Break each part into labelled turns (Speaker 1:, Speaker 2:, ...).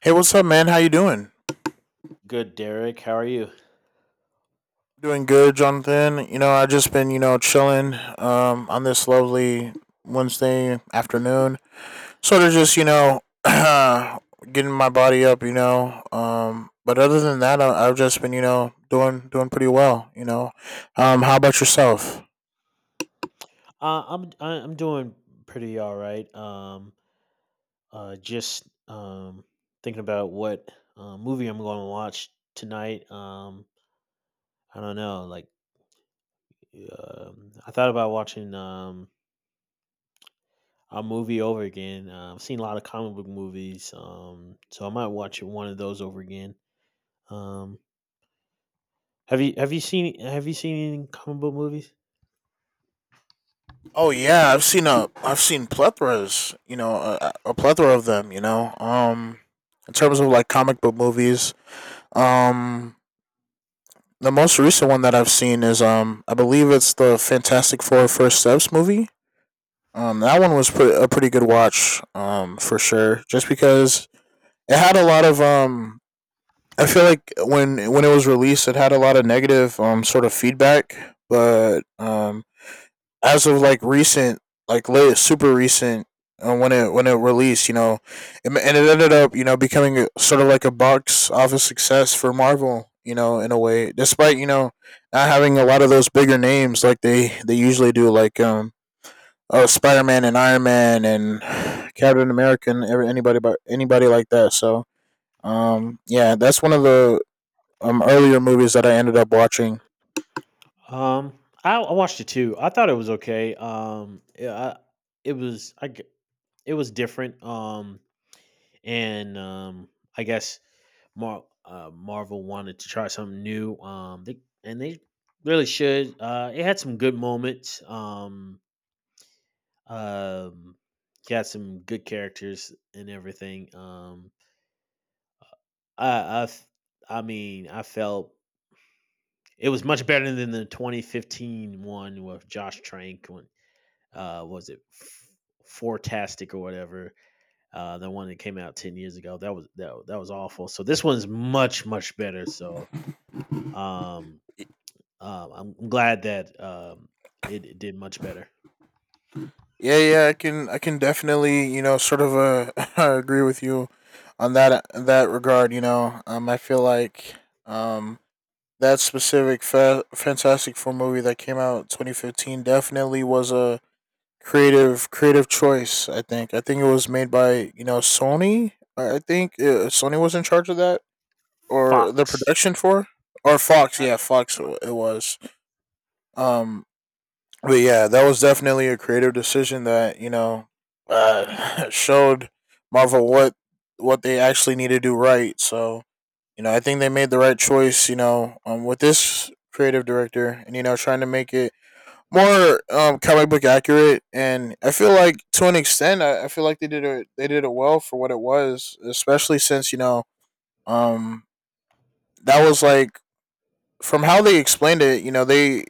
Speaker 1: Hey, what's up, man? How you doing?
Speaker 2: Good, Derek. How are you?
Speaker 1: Doing good, Jonathan. I just been chilling on this lovely Wednesday afternoon, sort of just getting my body up. But other than that, I've just been doing pretty well. How about yourself?
Speaker 2: I'm I'm doing pretty all right. Just thinking about what movie I'm going to watch tonight. I don't know. Like, I thought about watching a movie over again. I've seen a lot of comic book movies, so I might watch one of those over again. Um, have you seen any comic book movies?
Speaker 1: Oh yeah, I've seen plethoras, a plethora of them. In terms of like comic book movies, um, the most recent one that I've seen is I believe it's the Fantastic Four First Steps movie. That one was a pretty good watch, for sure. Just because it had a lot of I feel like when it was released, it had a lot of negative sort of feedback, but as of like recent, like late, super recent, when it released, and it ended up becoming sort of like a box office success for Marvel, in a way, despite not having a lot of those bigger names like they usually do, like oh Spider Man and Iron Man and Captain America and anybody like that. So yeah, that's one of the earlier movies that I ended up watching.
Speaker 2: I watched it too. I thought it was okay. Yeah, I, it was I g- it was different. And I guess Marvel wanted to try something new. And they really should. It had some good moments. Um, it had some good characters and everything. I I f- I mean I felt it was much better than the 2015 one with Josh Trank, what was it, Fortastic or whatever, the one that came out 10 years ago. That was awful, so this one's much better. Um I'm glad that it did much better.
Speaker 1: Yeah, yeah, I can definitely, sort of agree with you on that regard. I feel like um that specific Fantastic Four movie that came out 2015 definitely was a creative choice. I think it was made by Sony. I think Sony was in charge of that or the
Speaker 2: Fox.
Speaker 1: production for or Fox.
Speaker 2: I,
Speaker 1: Yeah, Fox. It was. Um, but yeah, that was definitely a creative decision that showed Marvel what they actually need to do right. So I think they made the right choice. With this creative director, and trying to make it more comic book accurate. And I feel like to an extent, I feel like they did it. They did it well for what it was, especially since um, that was like from how they explained it. They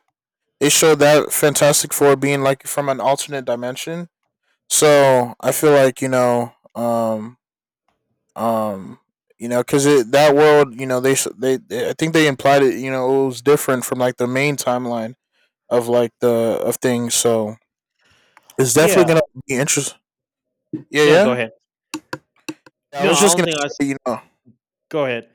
Speaker 1: they showed that Fantastic Four being like from an alternate dimension. So I feel like um, because that world, they, I think they implied it. It was different from like the main timeline of like the of things. So it's definitely
Speaker 2: yeah.
Speaker 1: gonna be interesting.
Speaker 2: No Go
Speaker 1: Yeah,
Speaker 2: ahead.
Speaker 1: yeah. I
Speaker 2: No
Speaker 1: was
Speaker 2: I
Speaker 1: just
Speaker 2: don't
Speaker 1: gonna
Speaker 2: think
Speaker 1: say,
Speaker 2: go ahead.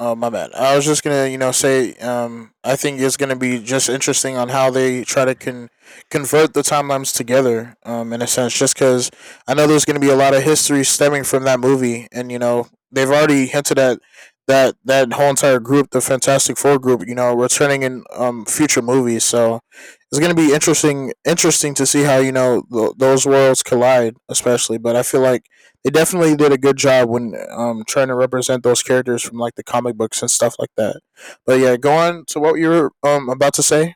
Speaker 1: Oh, my bad. I was just gonna, say, I think it's gonna be just interesting on how they try to convert the timelines together, in a sense, just because I know there's gonna be a lot of history stemming from that movie, and they've already hinted at that whole entire group, the Fantastic Four group, returning in future movies. So it's gonna be interesting, interesting to see how those worlds collide, especially. But I feel like they definitely did a good job when trying to represent those characters from like the comic books and stuff like that. But yeah, go on to what you were about to say.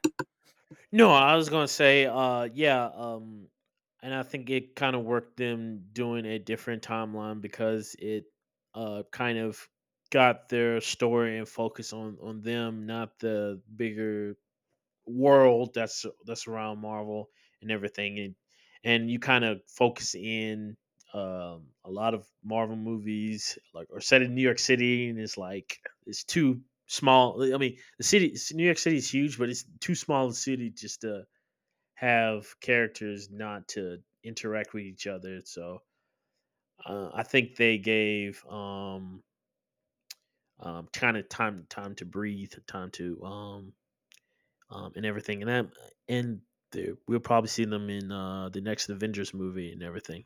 Speaker 2: No, I was gonna say, yeah, and I think it kind of worked them doing a different timeline because kind of got their story and focus on them, not the bigger world that's around Marvel and everything. And you kind of focus in. A lot of Marvel movies like are set in New York City, and it's like it's too small. I mean, the city, New York City, is huge, but it's too small a city just to have characters not to interact with each other. So I think they gave kind of time to breathe, time to and everything. And we'll probably see them in the next Avengers movie and everything.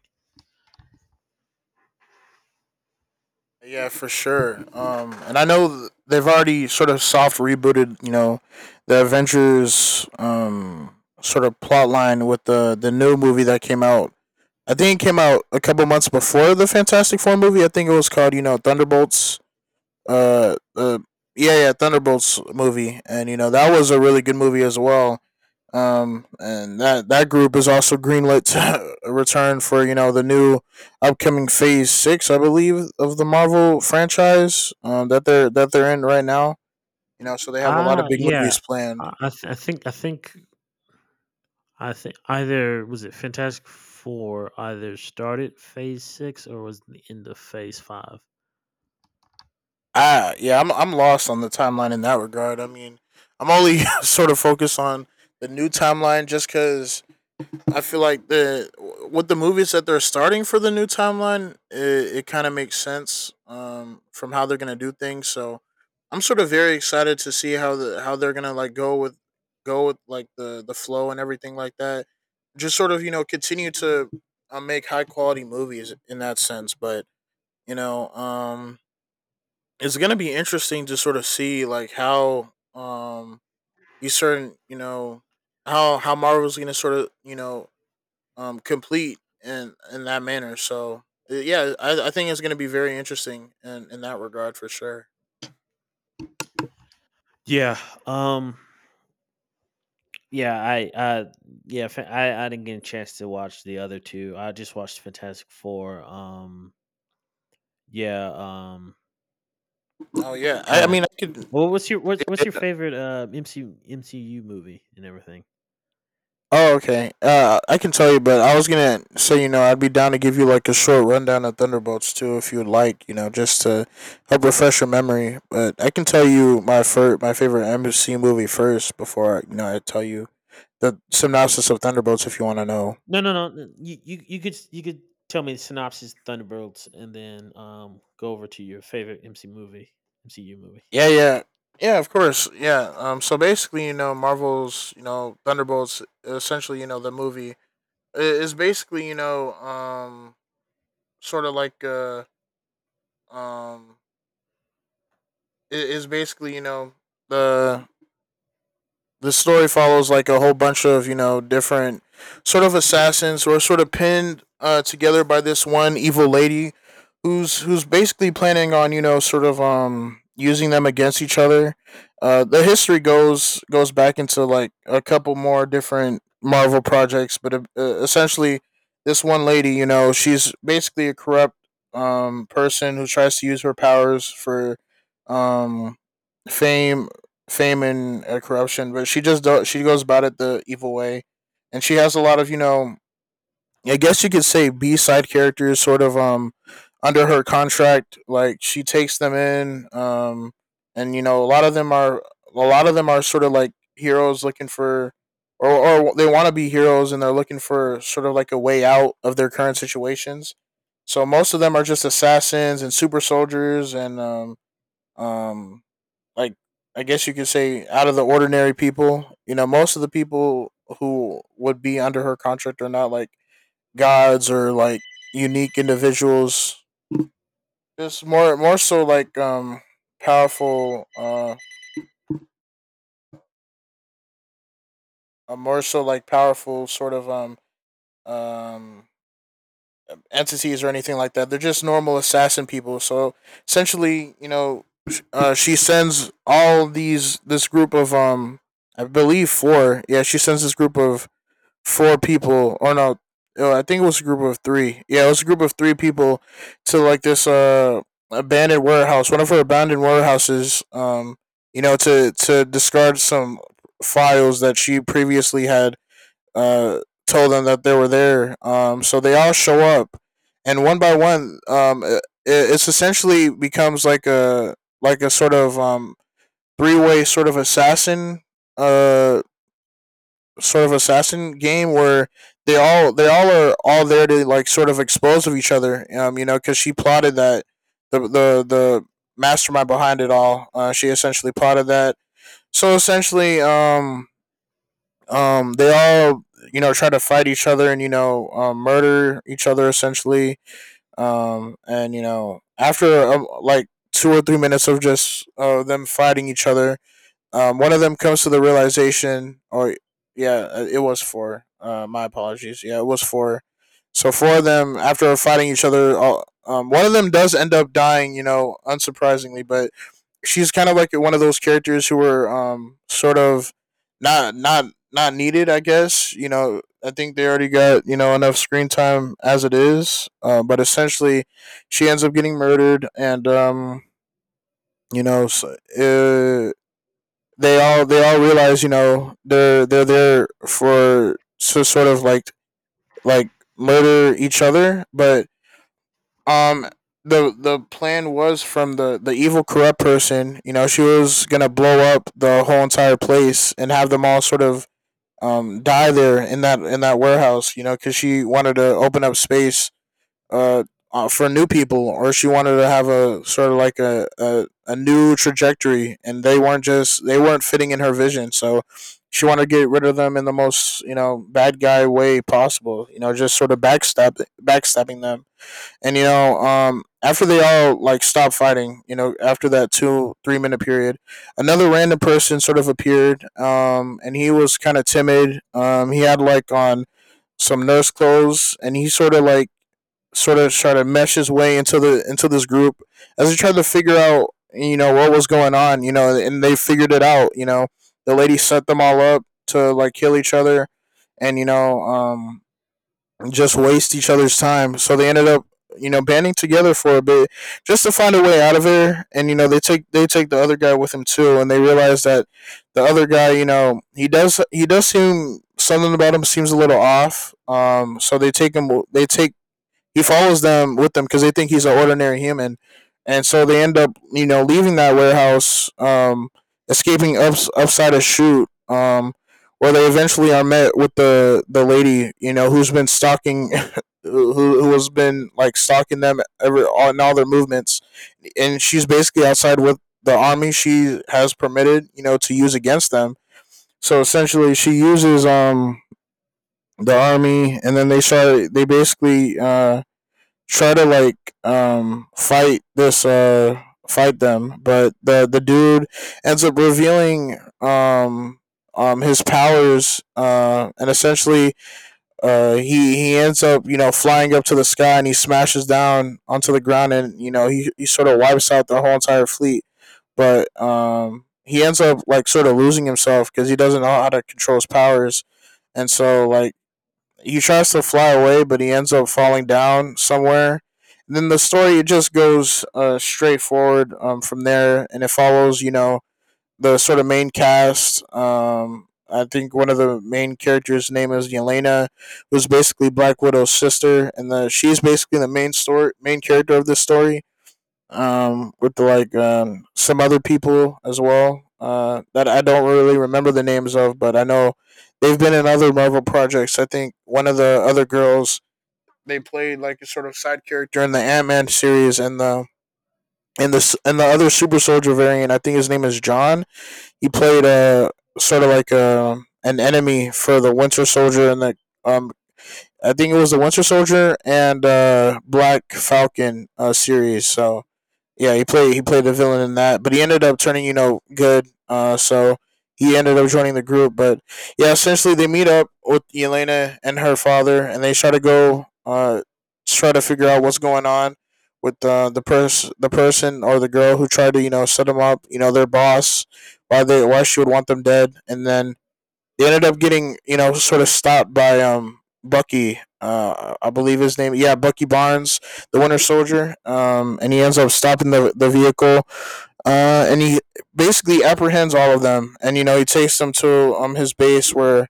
Speaker 1: Yeah, for sure. And I know they've already sort of soft rebooted, the Avengers sort of plot line with the new movie that came out. I think it came out a couple months before the Fantastic Four movie. I think it was called, Thunderbolts. Uh, uh yeah, yeah, Thunderbolts movie, and that was a really good movie as well. And that group is also greenlit to return for the new upcoming Phase Six, I believe, of the Marvel franchise that they're in right now. So they have a lot of
Speaker 2: Ah,
Speaker 1: big
Speaker 2: yeah.
Speaker 1: movies planned.
Speaker 2: I think I think either, was it Fantastic Four either started Phase Six or was the end of Phase Five?
Speaker 1: Ah, yeah, I'm lost on the timeline in that regard. I mean, I'm only
Speaker 2: Yeah.
Speaker 1: sort of focused on the new timeline just because I feel like the with the movies that they're starting for the new timeline, it kind of makes sense from how they're gonna do things. So I'm sort of very excited to see how they're gonna like go with like the flow and everything like that. Just sort of continue to make high quality movies in that sense. But you know, um, it's gonna be interesting to sort of see like how these certain how Marvel's gonna sort of complete in that manner. So yeah, I think it's going to be very interesting in that regard for sure.
Speaker 2: Yeah. Um. Yeah, yeah, I didn't get a chance to watch the other two. I just watched Fantastic Four. Yeah, um,
Speaker 1: Oh yeah, I mean
Speaker 2: Kinda.
Speaker 1: I could.
Speaker 2: Well, what's your
Speaker 1: eh,
Speaker 2: favorite, MCU movie and everything?
Speaker 1: Oh okay, I can tell you, but I was gonna say I'd be down to give you like a short rundown of Thunderbolts too if you'd like, just to help refresh your memory. But I can tell you my favorite MC movie first before I tell you the synopsis of Thunderbolts if you want to know.
Speaker 2: No, no, no, n you you you could s you could tell me the synopsis, Thunderbolts, and then, go over to your favorite MC movie, MCU movie.
Speaker 1: Yeah, yeah, yeah. Of course, yeah. So basically, Marvel's, Thunderbolts, essentially, the movie is basically, sort of like, um, is basically, the the story follows like a whole bunch of different sort of assassins who are sort of pinned together by this one evil lady who's basically planning on sort of using them against each other. The history goes back into like a couple more different marvel projects, but essentially this one lady, she's basically a corrupt person who tries to use her powers for um fame fame and corruption, but she just she goes about it the evil way, and she has a lot of I guess you could say B side characters sort of under her contract. Like she takes them in, and a lot of them are sort of like heroes looking for. Or they want to be heroes and they're looking for sort of like a way out of their current situations. So most of them are just assassins and super soldiers and um, like I guess you could say out of the ordinary people, most of the people who would be under her contract are not like gods or like unique individuals. Just more so like powerful more so like powerful sort of um entities or anything like that. They're just normal assassin people. So essentially, she sends all these this group of I believe four. Yeah, she sends this group of four people. Or no, oh, I think it was a group of three. Yeah, it was a group of three people to like this abandoned warehouse, one of her abandoned warehouses, to discard some files that she previously had uh told them that they were there. So they all show up and one by one, it's essentially becomes like a sort of three way uh sort of assassin game where they all are all there to like sort of expose of each other. Because she plotted that the mastermind behind it all. She essentially plotted that. So essentially, they all try to fight each other and murder each other essentially. And after like 2 or 3 minutes of just them fighting each other, one of them comes to the realization. Or yeah, it was four. My apologies. Yeah, it was four. So four of them, after fighting each other, all, one of them does end up dying. Unsurprisingly, but she's kind of like one of those characters who were sort of not not not needed. I guess. I think they already got enough screen time as it is. But essentially, she ends up getting murdered, and you know, so, they all realize they're there for so sort of like like murder each other, but um the plan was from the evil corrupt person. You know, she was gonna blow up the whole entire place and have them all sort of die there in that warehouse, you know, because she wanted to open up space uh, for new people, or she wanted to have a sort of like a new trajectory, and they weren't just they weren't fitting in her vision. So she wanted to get rid of them in the most, you know, bad guy way possible. You know, just sort of backstabbing them, and after they all like stopped fighting, you know, after that 2 3 minute period, another random person sort of appeared, and he was kind of timid. He had like on some nurse clothes, and he sort of like sort of try to mesh his way into the into this group as he tried to figure out, you know, what was going on. You know, and they figured it out. You know, the lady set them all up to like kill each other, and, you know, just waste each other's time. So they ended up, you know, banding together for a bit, just to find a way out of there. And, you know, they take the other guy with him too, and they realize that the other guy, you know, he does seem something about him seems a little off. Um, so they take him they take he follows them with them because they think he's an ordinary human. And so they end up, you know, leaving that warehouse, escaping up upside a chute, where they eventually are met with the lady, you know, who's been stalking. Who has been like stalking them ever on all their movements, and she's basically outside with the army she has permitted, you know, to use against them. So essentially, she uses the army, and then they start. They basically try to like fight this fight them, but the dude ends up revealing his powers, and essentially, he ends up, you know, flying up to the sky, and he smashes down onto the ground. And, you know, he sort of wipes out the whole entire fleet, but he ends up like sort of losing himself because he doesn't know how to control his powers. And so like he tries to fly away, but he ends up falling down somewhere. And then the story just goes, straight forward, from there, and it follows, you know, the sort of main cast. I think one of the main characters' name is Yelena, who's basically Black Widow's sister, and she's basically the main story, main character of this story, with like, some other people as well, that I don't really remember the names of, but I know they've been in other Marvel projects. I think one of the other girls, they played like a sort of side character in the Ant Man series, and and the the other Super Soldier variant. I think his name is John. He played a sort of like a an enemy for the Winter Soldier and the um. I think it was the Winter Soldier and, Black Falcon, series. So yeah, he played the villain in that, but he ended up turning, you know, good. So he ended up joining the group. But yeah, essentially they meet up with Elena and her father, and they try to go, try to figure out what's going on with, the person, or the girl who tried to, you know, set them up. You know, their boss, why they why she would want them dead. And then they ended up getting, you know, sort of stopped by, um, Bucky. I believe his name. Yeah, Bucky Barnes, the Winter Soldier. And he ends up stopping the vehicle. And he basically apprehends all of them, and, you know, he takes them to, um, his base, where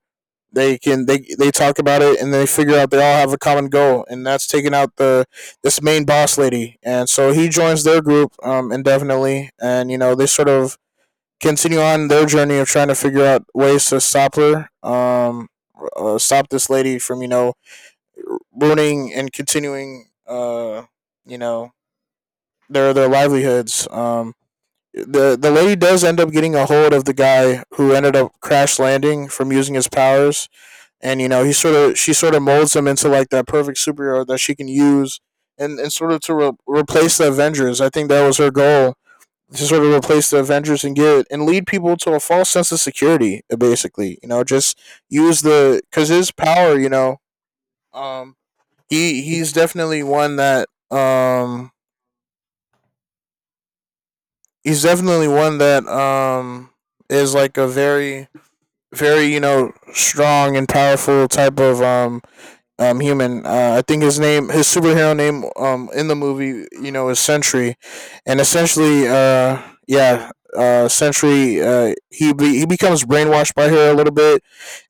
Speaker 1: they can they talk about it, and they figure out they all have a common goal, and that's taking out the this main boss lady. And so he joins their group, um, indefinitely. And, you know, they sort of continue on their journey of trying to figure out ways to stop her, stop this lady from, you know, ruining and continuing, you know their livelihoods. The lady does end up getting a hold of the guy who ended up crash landing from using his powers. And, you know, he sort of she sort of molds him into like that perfect superhero that she can use, and sort of to replace the Avengers. I think that was her goal, to sort of replace the Avengers and get and lead people to a false sense of security. Basically, you know, just use the, because his power, you know, um, he he's definitely one that um he's definitely one that, um, is like a very, very, you know, strong and powerful type of human. I think his name, his superhero name, um, in the movie, you know, is Sentry. And essentially, yeah, Sentry, he becomes brainwashed by her a little bit.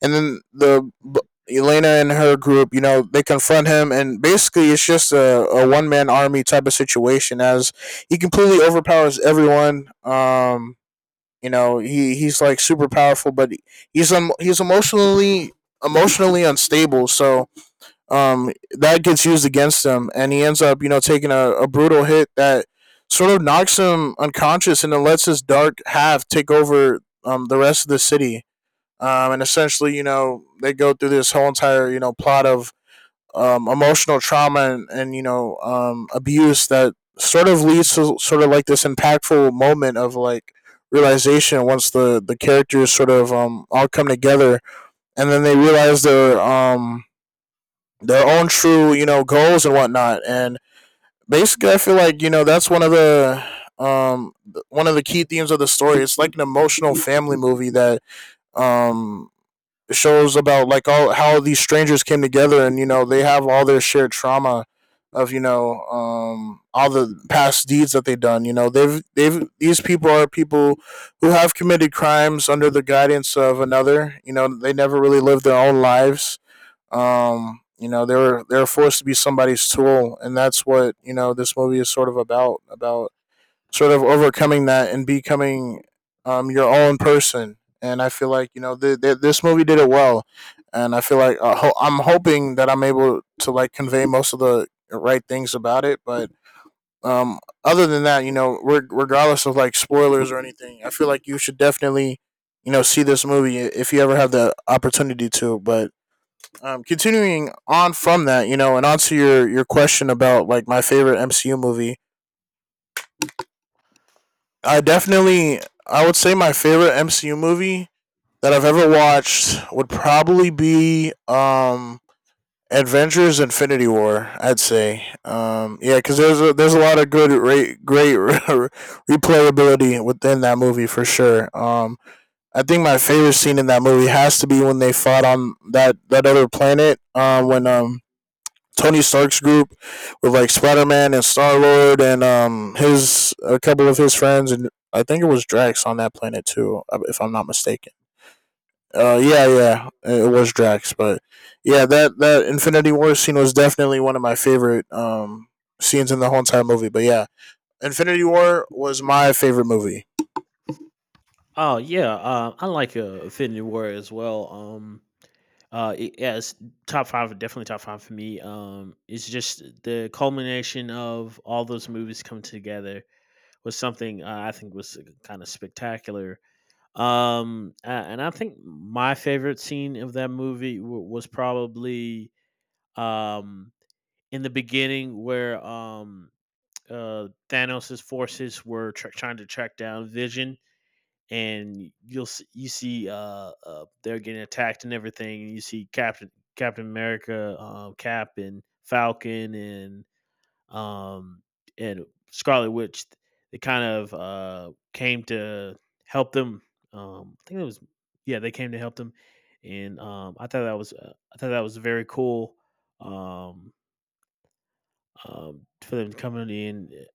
Speaker 1: And then Elena and her group, you know, they confront him, and basically, it's just a one man army type of situation, as he completely overpowers everyone. Um, you know, he's like super powerful, but he's emotionally unstable. So, that gets used against him, and he ends up, you know, taking a brutal hit that sort of knocks him unconscious, and then lets his dark half take over, the rest of the city. And essentially, you know, they go through this whole entire, you know, plot of, emotional trauma and, you know, abuse that sort of leads to sort of like this impactful moment of like realization once the characters sort of, um, all come together. And then they realize they're their own true, you know, goals and whatnot. And basically, I feel like, you know, that's um one of the key themes of the story. It's like an emotional family movie that um shows about like all how these strangers came together. And, you know, they have all their shared trauma of, you know, all the past deeds that they've done. You know, they've these people are people who have committed crimes under the guidance of another. You know, they never really lived their own lives. Um, you know, they're forced to be somebody's tool. And that's what, you know, this movie is sort of about, sort of overcoming that and becoming, your own person. And I feel like, you know, this movie did it well. And I feel like, I'm hoping that I'm able to like convey most of the right things about it, but, um, other than that, you know, regardless of like spoilers or anything, I feel like you should definitely, you know, see this movie if you ever have the opportunity to. But, continuing on from that, you know, and onto your question about like my favorite MCU movie. I definitely, I would say my favorite MCU movie that I've ever watched would probably be, Avengers: Infinity War. I'd say. Um, yeah, because there's there's a lot of good great replayability within that movie for sure. I think my favorite scene in that movie has to be when they fought on that other planet, when, um, Tony Stark's group with like Spider Man and Star Lord, and, um, his a couple of his friends, and I think it was Drax on that planet too, if I'm not mistaken. Yeah, yeah, it was Drax. But yeah, that Infinity War scene was definitely one of my favorite, um, scenes in the whole entire movie. But yeah, Infinity War was my favorite movie.
Speaker 2: Oh, yeah, I like, Infinity War as well, it yeah, it's top 5, definitely top 5 for me, it's just the culmination of all those movies coming together. Was something, I think, was kinda spectacular. And I think my favorite scene of that movie was probably um in the beginning where Thanos' forces were trying to track down Vision, and you see they're getting attacked and everything, and you see Captain America, Cap, and Falcon, um, and Scarlet Witch. They kind of came to help them. I think it was, yeah, they came to help them, and I thought that was I thought that was very cool, um, for them coming in.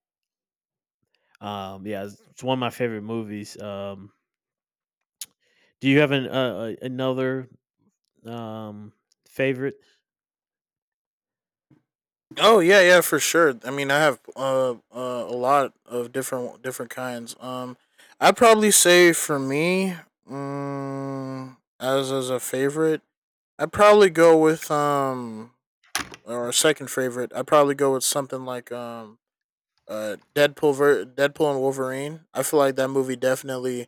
Speaker 2: Yeah, it's one of my favorite movies. Do you have an, another um, favorite?
Speaker 1: Oh yeah, yeah, for sure. I mean, I have, a lot of different, kinds. I'd probably say for me, as a favorite, I'd probably go with, um, or a second favorite. I'd probably go with something like, Deadpool, Deadpool and Wolverine. I feel like that movie definitely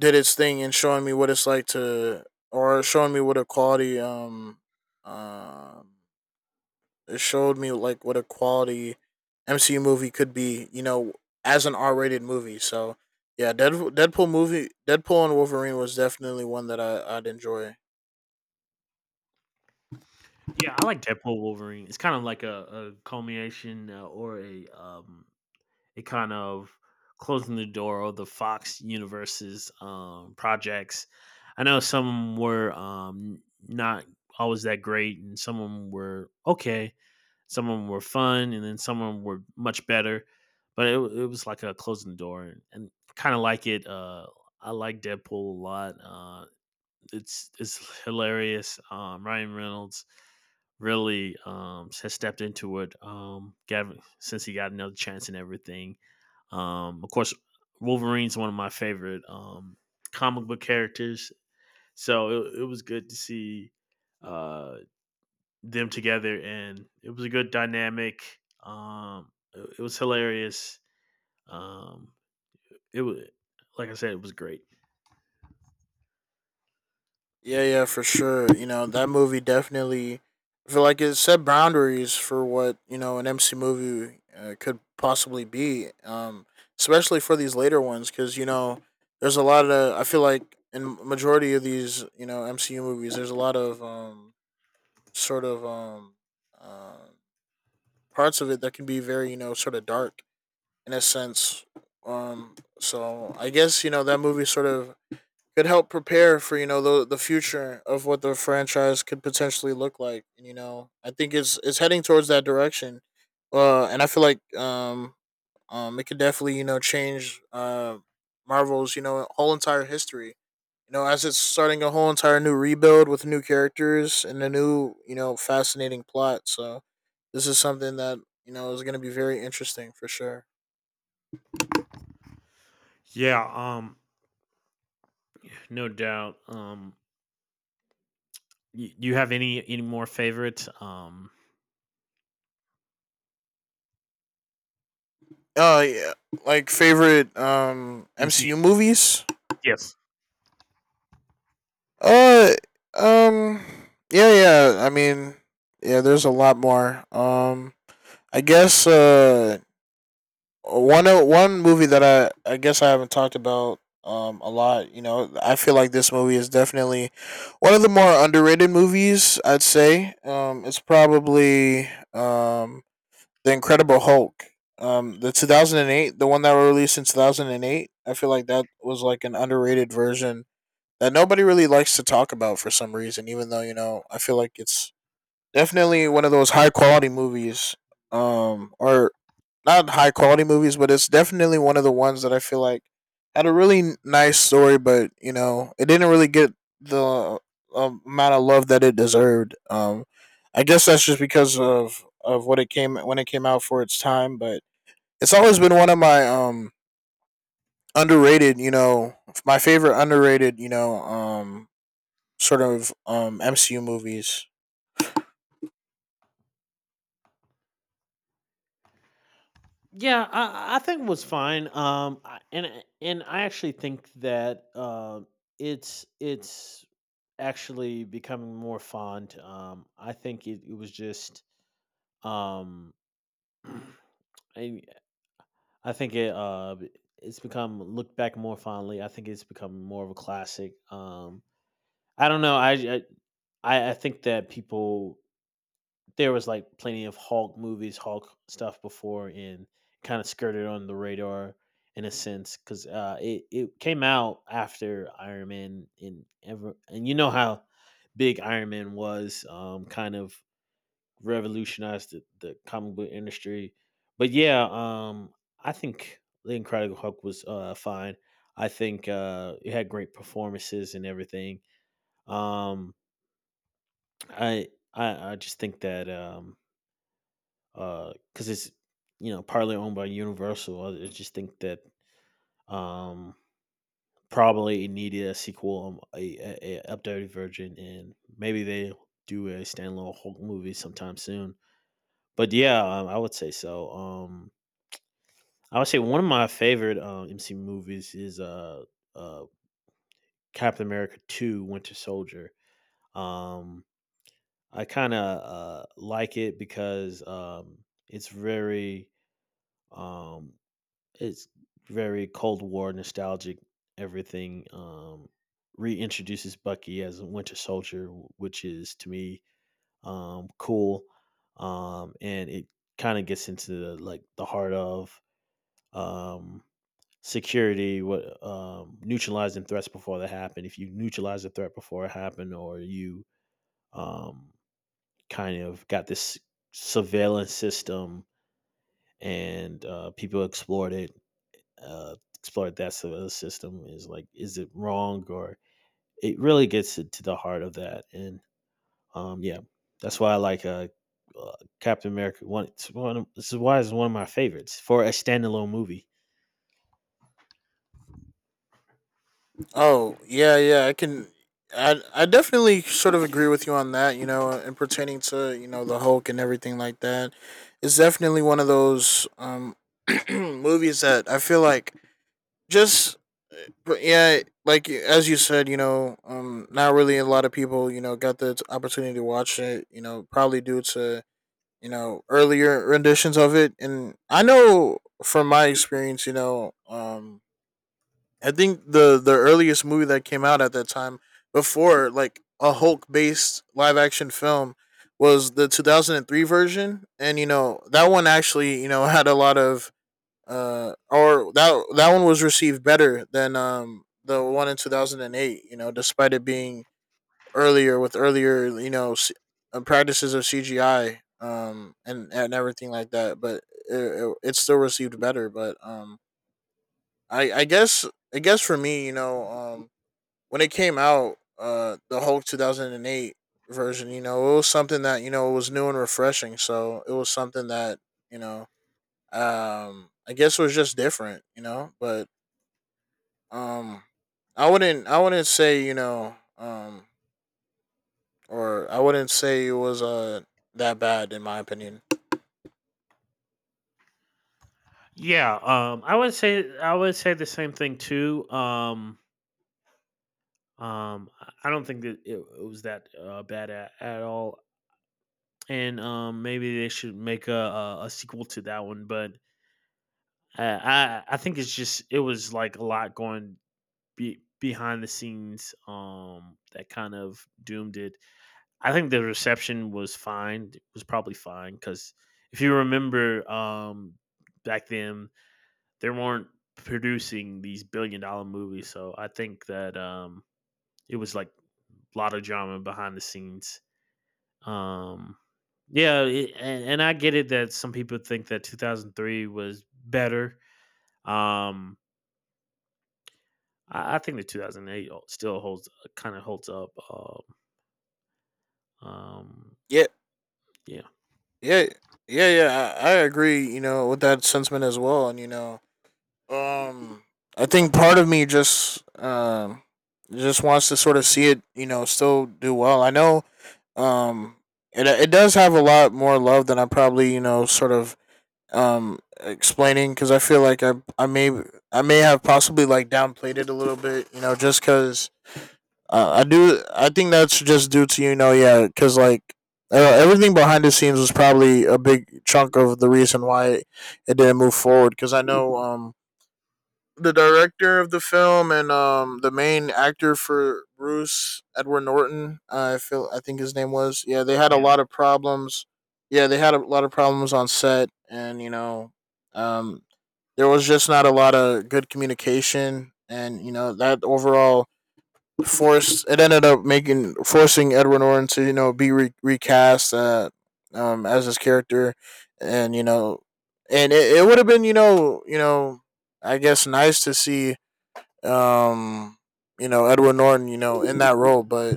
Speaker 1: did its thing in showing me what it's like to, or showing me what a quality, um, it showed me like what a quality MCU movie could be. You know, as an R-rated movie. So yeah, Deadpool and Wolverine was definitely one that I'd enjoy.
Speaker 2: Yeah, I like Deadpool Wolverine. It's kind of like a culmination, or a it kind of closing the door of the Fox universe's projects. I know some were not always that great, and some of them were okay. Some of them were fun, and then some of them were much better. But it was like a closing the door, and kind of like it. I like Deadpool a lot. It's hilarious. Ryan Reynolds really has stepped into it, Gavin, since he got another chance and everything. Of course, Wolverine's one of my favorite comic book characters, so it was good to see uh, them together, and it was a good dynamic. It, it was hilarious. Um, it was, like I said, it was great.
Speaker 1: Yeah, yeah, for sure. That movie definitely I feel like it set boundaries for what, you know, an MC movie could possibly be. Especially for these later ones cuz you know, there's a lot of I feel like in majority of these, you know, MCU movies, there's a lot of sort of um uh, parts of it that can be very, you know, sort of dark in a sense. So I guess, you know, that movie sort of could help prepare for you know the future of what the franchise could potentially look like. And you know, I think it's heading towards that direction. And I feel like it could definitely you know change Marvel's you know whole entire history. You know, as it's starting a whole entire new rebuild with new characters and a new you know fascinating plot. So this is something that you know is going to be very interesting for sure.
Speaker 2: Yeah, um, no doubt. You, you have any more favorites?
Speaker 1: Yeah, like favorite
Speaker 2: MC?
Speaker 1: MCU movies.
Speaker 2: Yes.
Speaker 1: Uh, um, yeah, yeah. I mean, yeah. There's a lot more. I guess one movie that I guess I haven't talked about a lot. You know, I feel like this movie is definitely one of the more underrated movies, I'd say. It's probably um the Incredible Hulk. The 2008, the one that was released in 2008. I feel like that was like an underrated version that nobody really likes to talk about for some reason, even though, you know, I feel like it's definitely one of those high quality movies. Or not high quality movies, but it's definitely one of the ones that I feel like had a really nice story, but, you know, it didn't really get the amount of love that it deserved. I guess that's just because of what it came when it came out for its time, but it's always been one of my, underrated, you know, my favorite underrated, you know, MCU movies.
Speaker 2: Yeah, I think it was fine. I- and I- and I actually think that it's actually becoming more fond. I think it was just um, I, I think it's become looked back more fondly. I think it's become more of a classic. I don't know. I think that people, there was like plenty of Hulk movies, Hulk stuff before, and kind of skirted on the radar in a sense because it it came out after Iron Man, and ever and you know how big Iron Man was, kind of revolutionized the comic book industry. But yeah, I think the Incredible Hulk was fine. I think it had great performances and everything. Um, I I just think that because it's you know partly owned by Universal. I just think that um, probably it needed a sequel, a updated version, and maybe they do a standalone Hulk movie sometime soon. But yeah, I would say so. I would say one of my favorite MC movies is uh, Captain America Two: Winter Soldier. Um, I kind of like it because it's very um, It's very Cold War nostalgic. Everything reintroduces Bucky as a Winter Soldier, which is to me cool, and it kind of gets into the, like the heart of um, security, what neutralizing threats before they happen. If you neutralize a threat before it happened, or you um, kind of got this surveillance system and people explored it, explored that sort of system. Is like, is it wrong? Or it really gets it to the heart of that. And yeah, that's why I like uh, Captain America. One, it's one of, this is why it's one of my favorites for a standalone movie.
Speaker 1: Oh yeah, yeah. I can. I definitely sort of agree with you on that. You know, and pertaining to you know the Hulk and everything like that, it's definitely one of those movies that I feel like just. But yeah, like as you said, you know, not really a lot of people, you know, got the opportunity to watch it. You know, probably due to you know earlier renditions of it, and I know from my experience, you know, I think the earliest movie that came out at that time before like a Hulk based live action film was the 2003 version, and you know that one actually you know had a lot of or that that one was received better than the one in 2008, you know, despite it being earlier with earlier practices of CGI , and everything like that, but it still received better, but I I guess I guess for me, you know, when it came out, the Hulk 2008 version, you know, it was something that you know it was new and refreshing. So it was something that you know, I guess was just different, you know. But um, I wouldn't say you know, or I wouldn't say it was that bad in my opinion.
Speaker 2: Yeah, I would say the same thing too. I don't think that it was that bad at all, and maybe they should make a sequel to that one. But I think it's just it was like a lot going be behind the scenes that kind of doomed it. I think the reception was fine. It was probably fine because if you remember back then they weren't producing these billion-dollar movies, so I think that it was like a lot of drama behind the scenes. Um yeah, and I get it that some people think that 2003 was better. Um I think the 2008 still holds kind of holds up. Um,
Speaker 1: Yeah,
Speaker 2: yeah,
Speaker 1: yeah, yeah, yeah. I agree, you know, with that sentiment as well, and you know, Um, I think part of me just wants to sort of see it, you know, still do well. I know, um, it it does have a lot more love than I probably you know sort of explaining, because I feel like I may I may have possibly like downplayed it a little bit, you know, just because I think that's just due to you know yeah because like. Everything behind the scenes was probably a big chunk of the reason why it didn't move forward, because I know the director of the film and the main actor for Bruce Edward Norton, I feel I think his name was. Yeah, they had a
Speaker 2: Yeah.
Speaker 1: lot of problems. Yeah, they had a lot of problems on set, and you know, um, there was just not a lot of good communication, and you know that overall forced it ended up making forcing Edward Norton to you know recast as his character, and you know, and it would have been you know I guess nice to see um, you know, Edward Norton, you know, in that role, but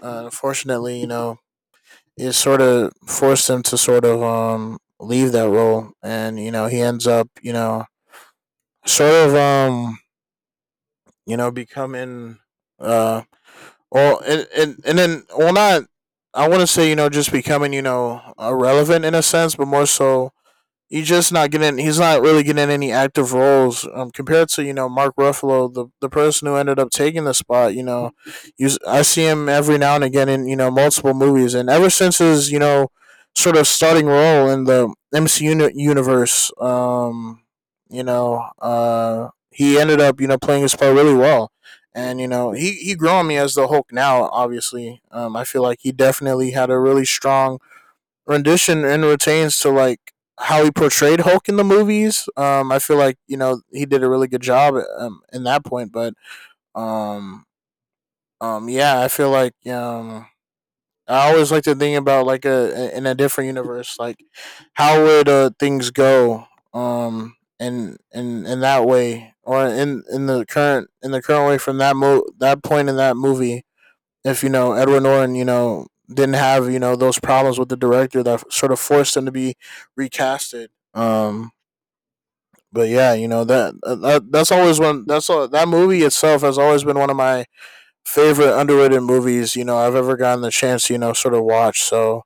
Speaker 1: unfortunately, you know, it sort of forced him to sort of leave that role, and you know, he ends up, you know, sort of you know, becoming uh, well, and then well, not I want to say, you know, just becoming you know irrelevant in a sense, but more so you just not getting. He's not really getting any active roles compared to you know Mark Ruffalo, the person who ended up taking the spot. You know, I see him every now and again in you know multiple movies, and ever since his you know sort of starting role in the MCU universe, he ended up you know playing his part really well. And you know he grew on me as the Hulk now. Obviously, I feel like he definitely had a really strong rendition and retains to like how he portrayed Hulk in the movies. I feel like you know he did a really good job in that point, but um, yeah, I feel like I always like to think about like a in a different universe, like how would things go in that way or in the current way from that mo that point in that movie if you know Edward Norton, you know, didn't have you know those problems with the director that sort of forced him to be recasted. But yeah, you know that's always one that movie itself has always been one of my favorite underrated movies. You know, I've ever gotten the chance to you know sort of watch. So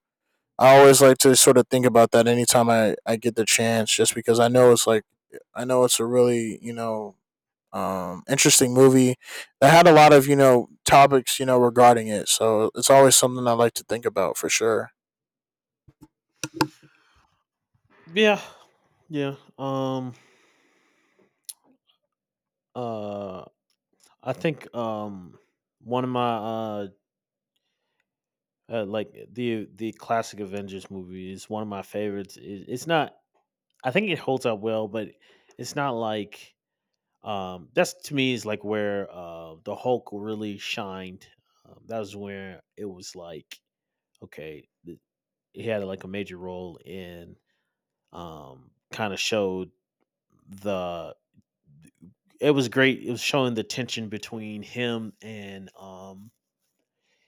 Speaker 1: I always like to sort of think about that anytime I get the chance, just because I know it's like I know it's a really you know interesting movie that had a lot of you know topics you know regarding it. So it's always something I like to think about for sure.
Speaker 2: yeah, yeah. Uh, I think one of my like the classic Avengers movie is one of my favorites. It, it's not. I think it holds up well, but it's not like, that's to me is like where the Hulk really shined. That was where it was like, okay, he had like a major role in kind of showed the it was great. It was showing the tension between him and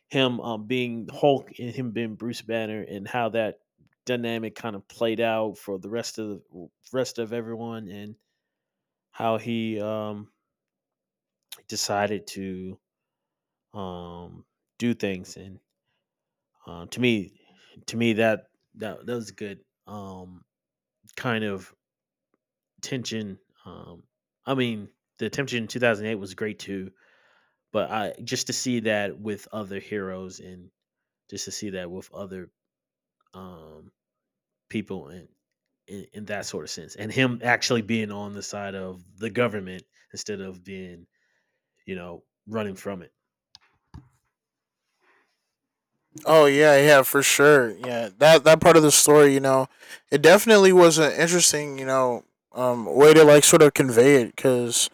Speaker 2: him being Hulk and him being Bruce Banner, and how that dynamic kind of played out for the rest of everyone, and how he decided to um do things. And um to me to me that That that was good, kind of tension, um I mean the tension in 2008 was great too. But I just to see that with other heroes, and just to see that with other um, people, and in that sort of sense, and him actually being on the side of the government instead of being you know running from it.
Speaker 1: Oh yeah, yeah, for sure. Yeah, that part of the story, you know, it definitely was an interesting you know way to like sort of convey it because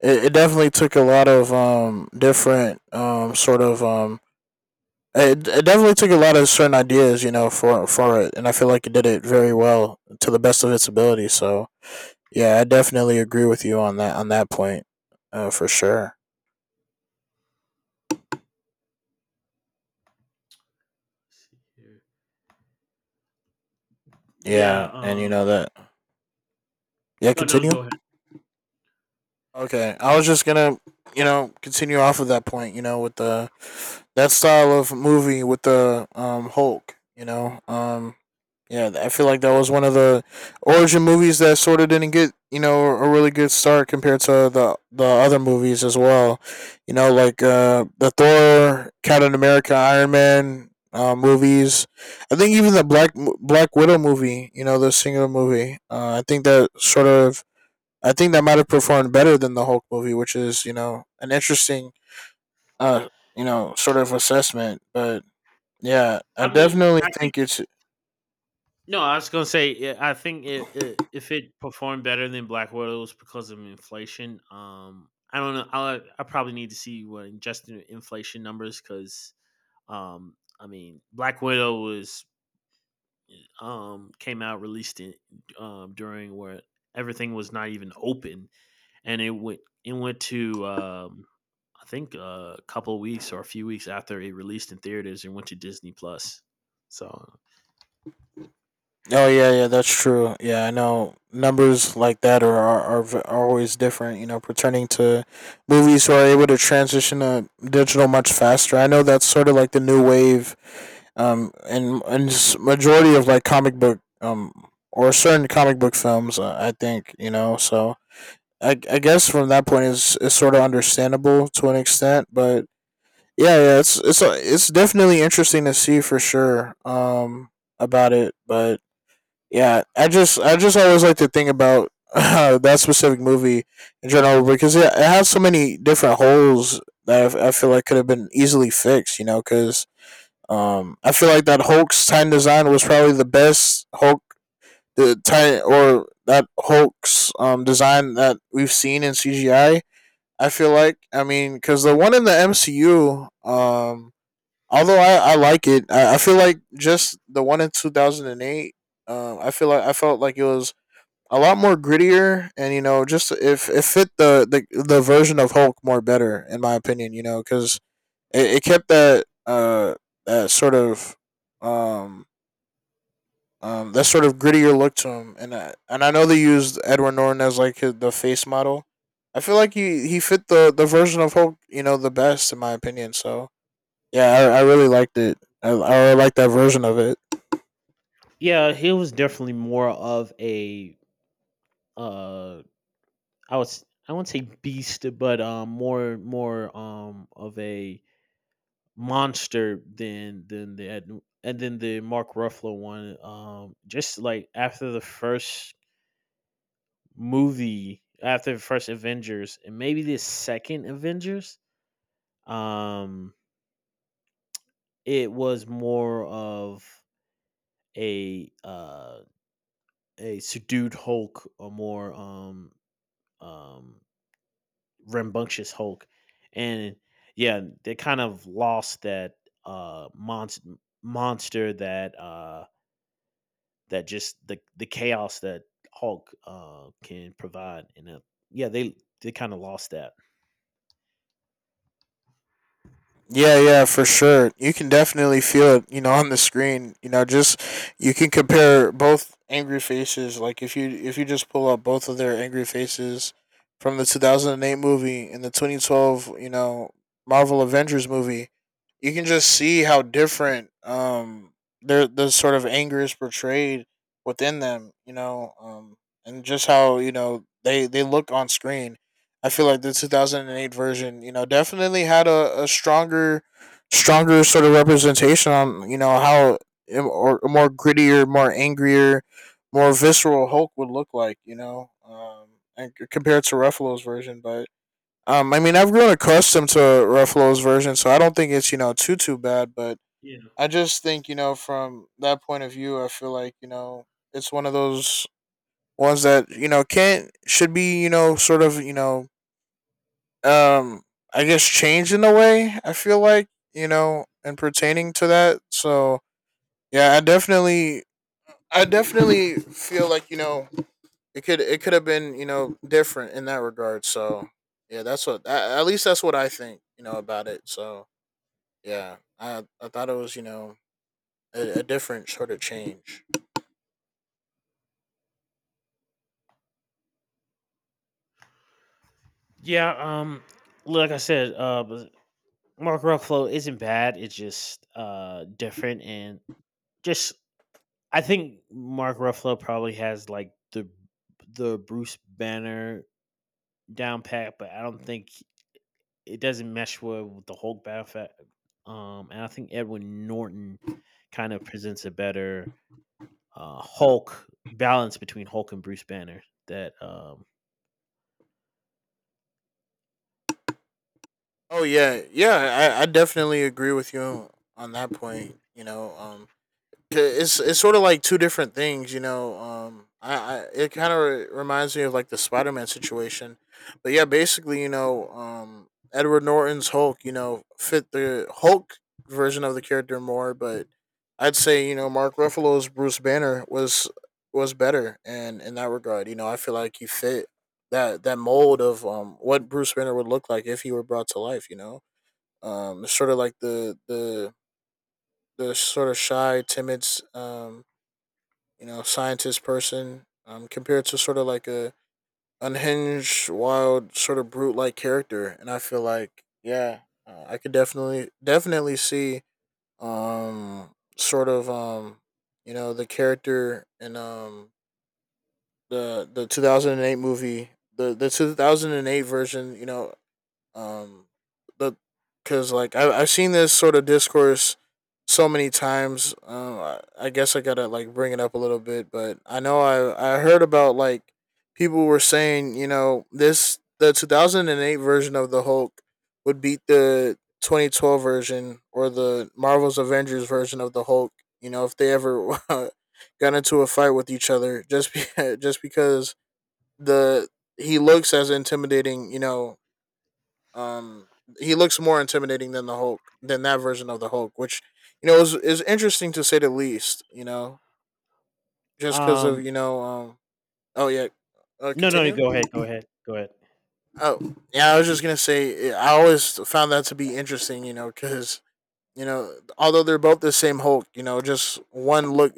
Speaker 1: it definitely took a lot of different sort of it, it definitely took a lot of certain ideas you know for it, and I feel like it did it very well to the best of its ability, so Yeah, I definitely agree with you on that point, for sure.
Speaker 2: See here. Yeah.
Speaker 1: Yeah, and you know that. Yeah,
Speaker 2: No, no,
Speaker 1: continue.
Speaker 2: go ahead.
Speaker 1: Okay, I was just gonna, you know, continue off of that point. You know, with the that style of movie with the Hulk. You know, yeah, I feel like that was one of the origin movies that sort of didn't get you know a really good start compared to the other movies as well. You know, like the Thor, Captain America, Iron Man. Movies, I think even the Black Widow movie, you know, the singular movie. I think that might have performed better than the Hulk movie, which is you know an interesting uh you know sort of assessment. But yeah, I
Speaker 2: I mean,
Speaker 1: definitely
Speaker 2: I think
Speaker 1: think it's
Speaker 2: no. I was gonna say, yeah, I think it, if it performed better than Black Widow, it was because of inflation. I don't know. I probably need to see what adjusted inflation numbers because I mean, Black Widow was came out released in during where everything was not even open, and it went, it went to I think a couple of weeks or a few weeks after it released in theaters and went to Disney Plus. So
Speaker 1: oh yeah yeah that's true. Yeah, I know numbers like that are always different. You know, pertaining to movies who are able to transition to digital much faster. I know that's sort of like the new wave, majority of like comic book or certain comic book films. I think you know so I guess from that point is sort of understandable to an extent, but yeah, it's definitely interesting to see for sure, about it. But yeah, I just always like to think about that specific movie in general, because it has so many different holes that I feel like could have been easily fixed, you know, because I feel like that Hulk's time design was probably the best Hulk the time, or that Hulk's design that we've seen in CGI. I feel like, I mean, because the one in the MCU, although I like it, I feel like just the one in 2008, I feel like, I felt like it was a lot more grittier, and you know, just if it fit the the version of Hulk more better in my opinion, you know, because it kept that that sort of um that sort of grittier look to him. And I know they used Edward Norton as like his, the face model. I feel like he fit the version of Hulk, you know, the best in my opinion. So yeah, I really liked it. I really like that version of it.
Speaker 2: yeah, he was definitely more of a uh I was, I wouldn't say beast, but more of a monster than the Ed, and then the Mark Ruffalo one. Just like after the first movie, after the first Avengers, and maybe the second Avengers, um, it was more of a uh a subdued Hulk, or more um rambunctious Hulk, and yeah, they kind of lost that monster, that that just the chaos that Hulk can provide. And yeah, they kind of lost that.
Speaker 1: Yeah, yeah, for sure. You can definitely feel it, you know, on the screen. You know, just you can compare both angry faces. Like if you just pull up both of their angry faces from the 2008 movie and the 2012, you know, Marvel Avengers movie. You can just see how different their, the sort of anger is portrayed within them, you know, and just how, you know, they look on screen. I feel like the 2008 version, you know, definitely had a stronger, stronger sort of representation on, you know, how a more grittier, more angrier, more visceral Hulk would look like, you know, and compared to Ruffalo's version. But I mean, I've grown accustomed to Ruffalo's version, so I don't think it's, you know, too too bad. But
Speaker 2: Yeah.
Speaker 1: I just think, you know, from that point of view, I feel like, you know, it's one of those ones that, you know, can't, should be, you know, sort of, you know, um I guess change in a way, I feel like, you know, and pertaining to that. So yeah, I definitely, I definitely feel like, you know, it could have been, you know, different in that regard. So yeah, that's what at least that's what I think, you know, about it. So yeah. I thought it was, you know, a different sort of change.
Speaker 2: Yeah. Um. Like I said, Mark Ruffalo isn't bad. It's just different, and just, I think Mark Ruffalo probably has like the Bruce Banner down pat, but I don't think, it doesn't mesh well with the Hulk battle. And I think Edwin Norton kind of presents a better Hulk balance between Hulk and Bruce Banner. That
Speaker 1: Oh yeah, yeah, I definitely agree with you on that point, you know, it's sort of like two different things, you know. I it kind of reminds me of like the Spider Man situation. But yeah, basically, you know, Edward Norton's Hulk, you know, fit the Hulk version of the character more. But I'd say, you know, Mark Ruffalo's Bruce Banner was better, and in that regard, you know, I feel like he fit that mold of what Bruce Banner would look like if he were brought to life, you know. It's sort of like the sort of shy, timid, um, you know, scientist person, compared to sort of like a unhinged, wild, sort of brute like character. And I feel like, yeah, I could definitely, definitely see, um, sort of, you know, the character in, the 2008 movie, the 2008 version, you know, um, the because like I've seen this sort of discourse so many times. I guess I gotta like bring it up a little bit, but I know I heard about like people were saying, you know, this, the 2008 version of the Hulk would beat the 2012 version, or the Marvel's Avengers version of the Hulk. You know, if they ever got into a fight with each other, just just because the he looks as intimidating, you know, um, he looks more intimidating than the Hulk, than that version of the Hulk, which, you know, is interesting to say the least. You know, just because
Speaker 2: um,
Speaker 1: of, you know, oh yeah,
Speaker 2: no, no, no,
Speaker 1: continue.
Speaker 2: go ahead, go ahead.
Speaker 1: Oh yeah, I was just gonna say I always found that to be interesting. You know, because, you know, although they're both the same Hulk, you know, just one look,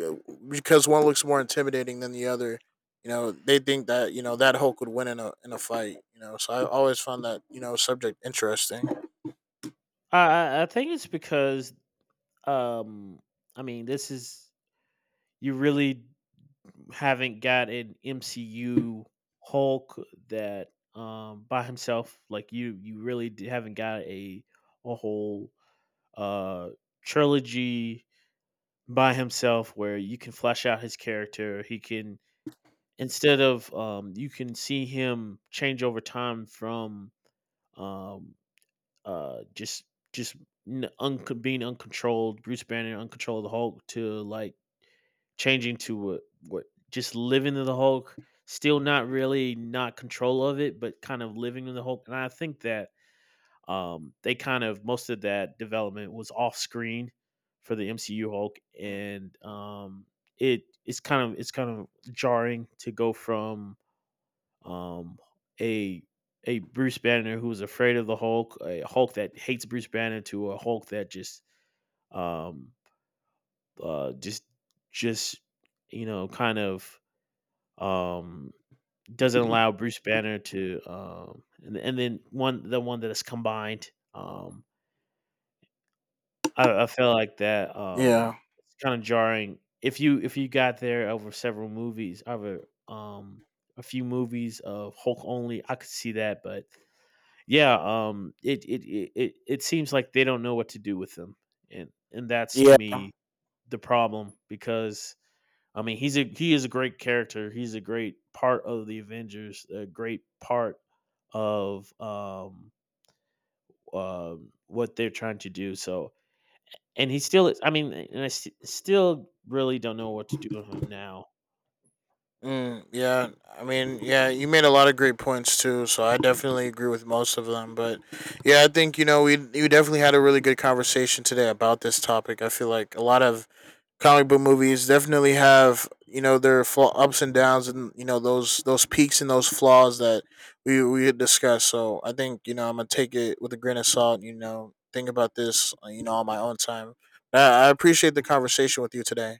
Speaker 1: because one looks more intimidating than the other. You know, they think that, you know, that Hulk would win in a fight. You know, so I always found that, you know, subject interesting.
Speaker 2: I think it's because um, I mean, this is, you really haven't got an MCU Hulk that by himself. Like you really haven't got a whole uh trilogy by himself where you can flesh out his character. He can. Instead of you can see him change over time from um, uh, just just being uncontrolled, Bruce Banner, uncontrolled Hulk, to like changing to what, what just living in the Hulk, still not really not control of it, but kind of living in the Hulk. And I think that they kind of most of that development was off screen for the MCU Hulk,
Speaker 1: Mm.
Speaker 2: and it it's kind of jarring to go from um, a a Bruce Banner who's afraid of the Hulk, a Hulk that hates Bruce Banner, to a Hulk that just um, uh, just just you know kind of um, doesn't allow Bruce Banner to and then one, the one that is combined. I feel like that
Speaker 1: Yeah.
Speaker 2: it's kind of jarring. If you got there over several movies, over um, a few movies of Hulk only, I could see that, but yeah, it it it it it seems like they don't know what to do with him, and that's to
Speaker 1: Yeah.
Speaker 2: me the problem, because I mean he's a he is a great character. He's a great part of the Avengers, a great part of what they're trying to do. So and he still is. I mean, and still really don't know what to do with him now.
Speaker 1: Mm, yeah, I mean, yeah, you made a lot of great points too, so I definitely agree with most of them. But yeah, I think, you know, we, you definitely had a really good conversation today about this topic. I feel like a lot of comic book movies definitely have, you know, their flaw, ups and downs, and you know, those peaks and those flaws that we had discussed. So I think, you know, I'm gonna take it with a grain of salt. You know, think about this, you know, on my own time. I appreciate the conversation with you today.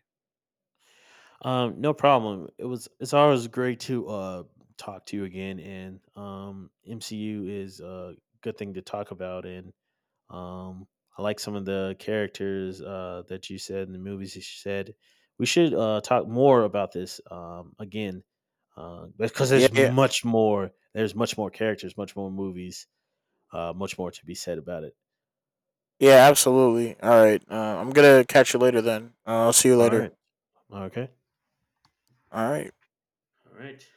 Speaker 2: No problem. It was, it's always great to talk to you again, and MCU is a good thing to talk about. And Um, I like some of the characters that you said in the movies. You said we should talk more about this again, because
Speaker 1: Yeah,
Speaker 2: there's
Speaker 1: yeah.
Speaker 2: much more. There's much more characters, much more movies, much more to be said about it.
Speaker 1: Yeah, absolutely. All right. I'm gonna catch you later then. I'll see you
Speaker 2: All right.
Speaker 1: later.
Speaker 2: Okay.
Speaker 1: All right.
Speaker 2: All right.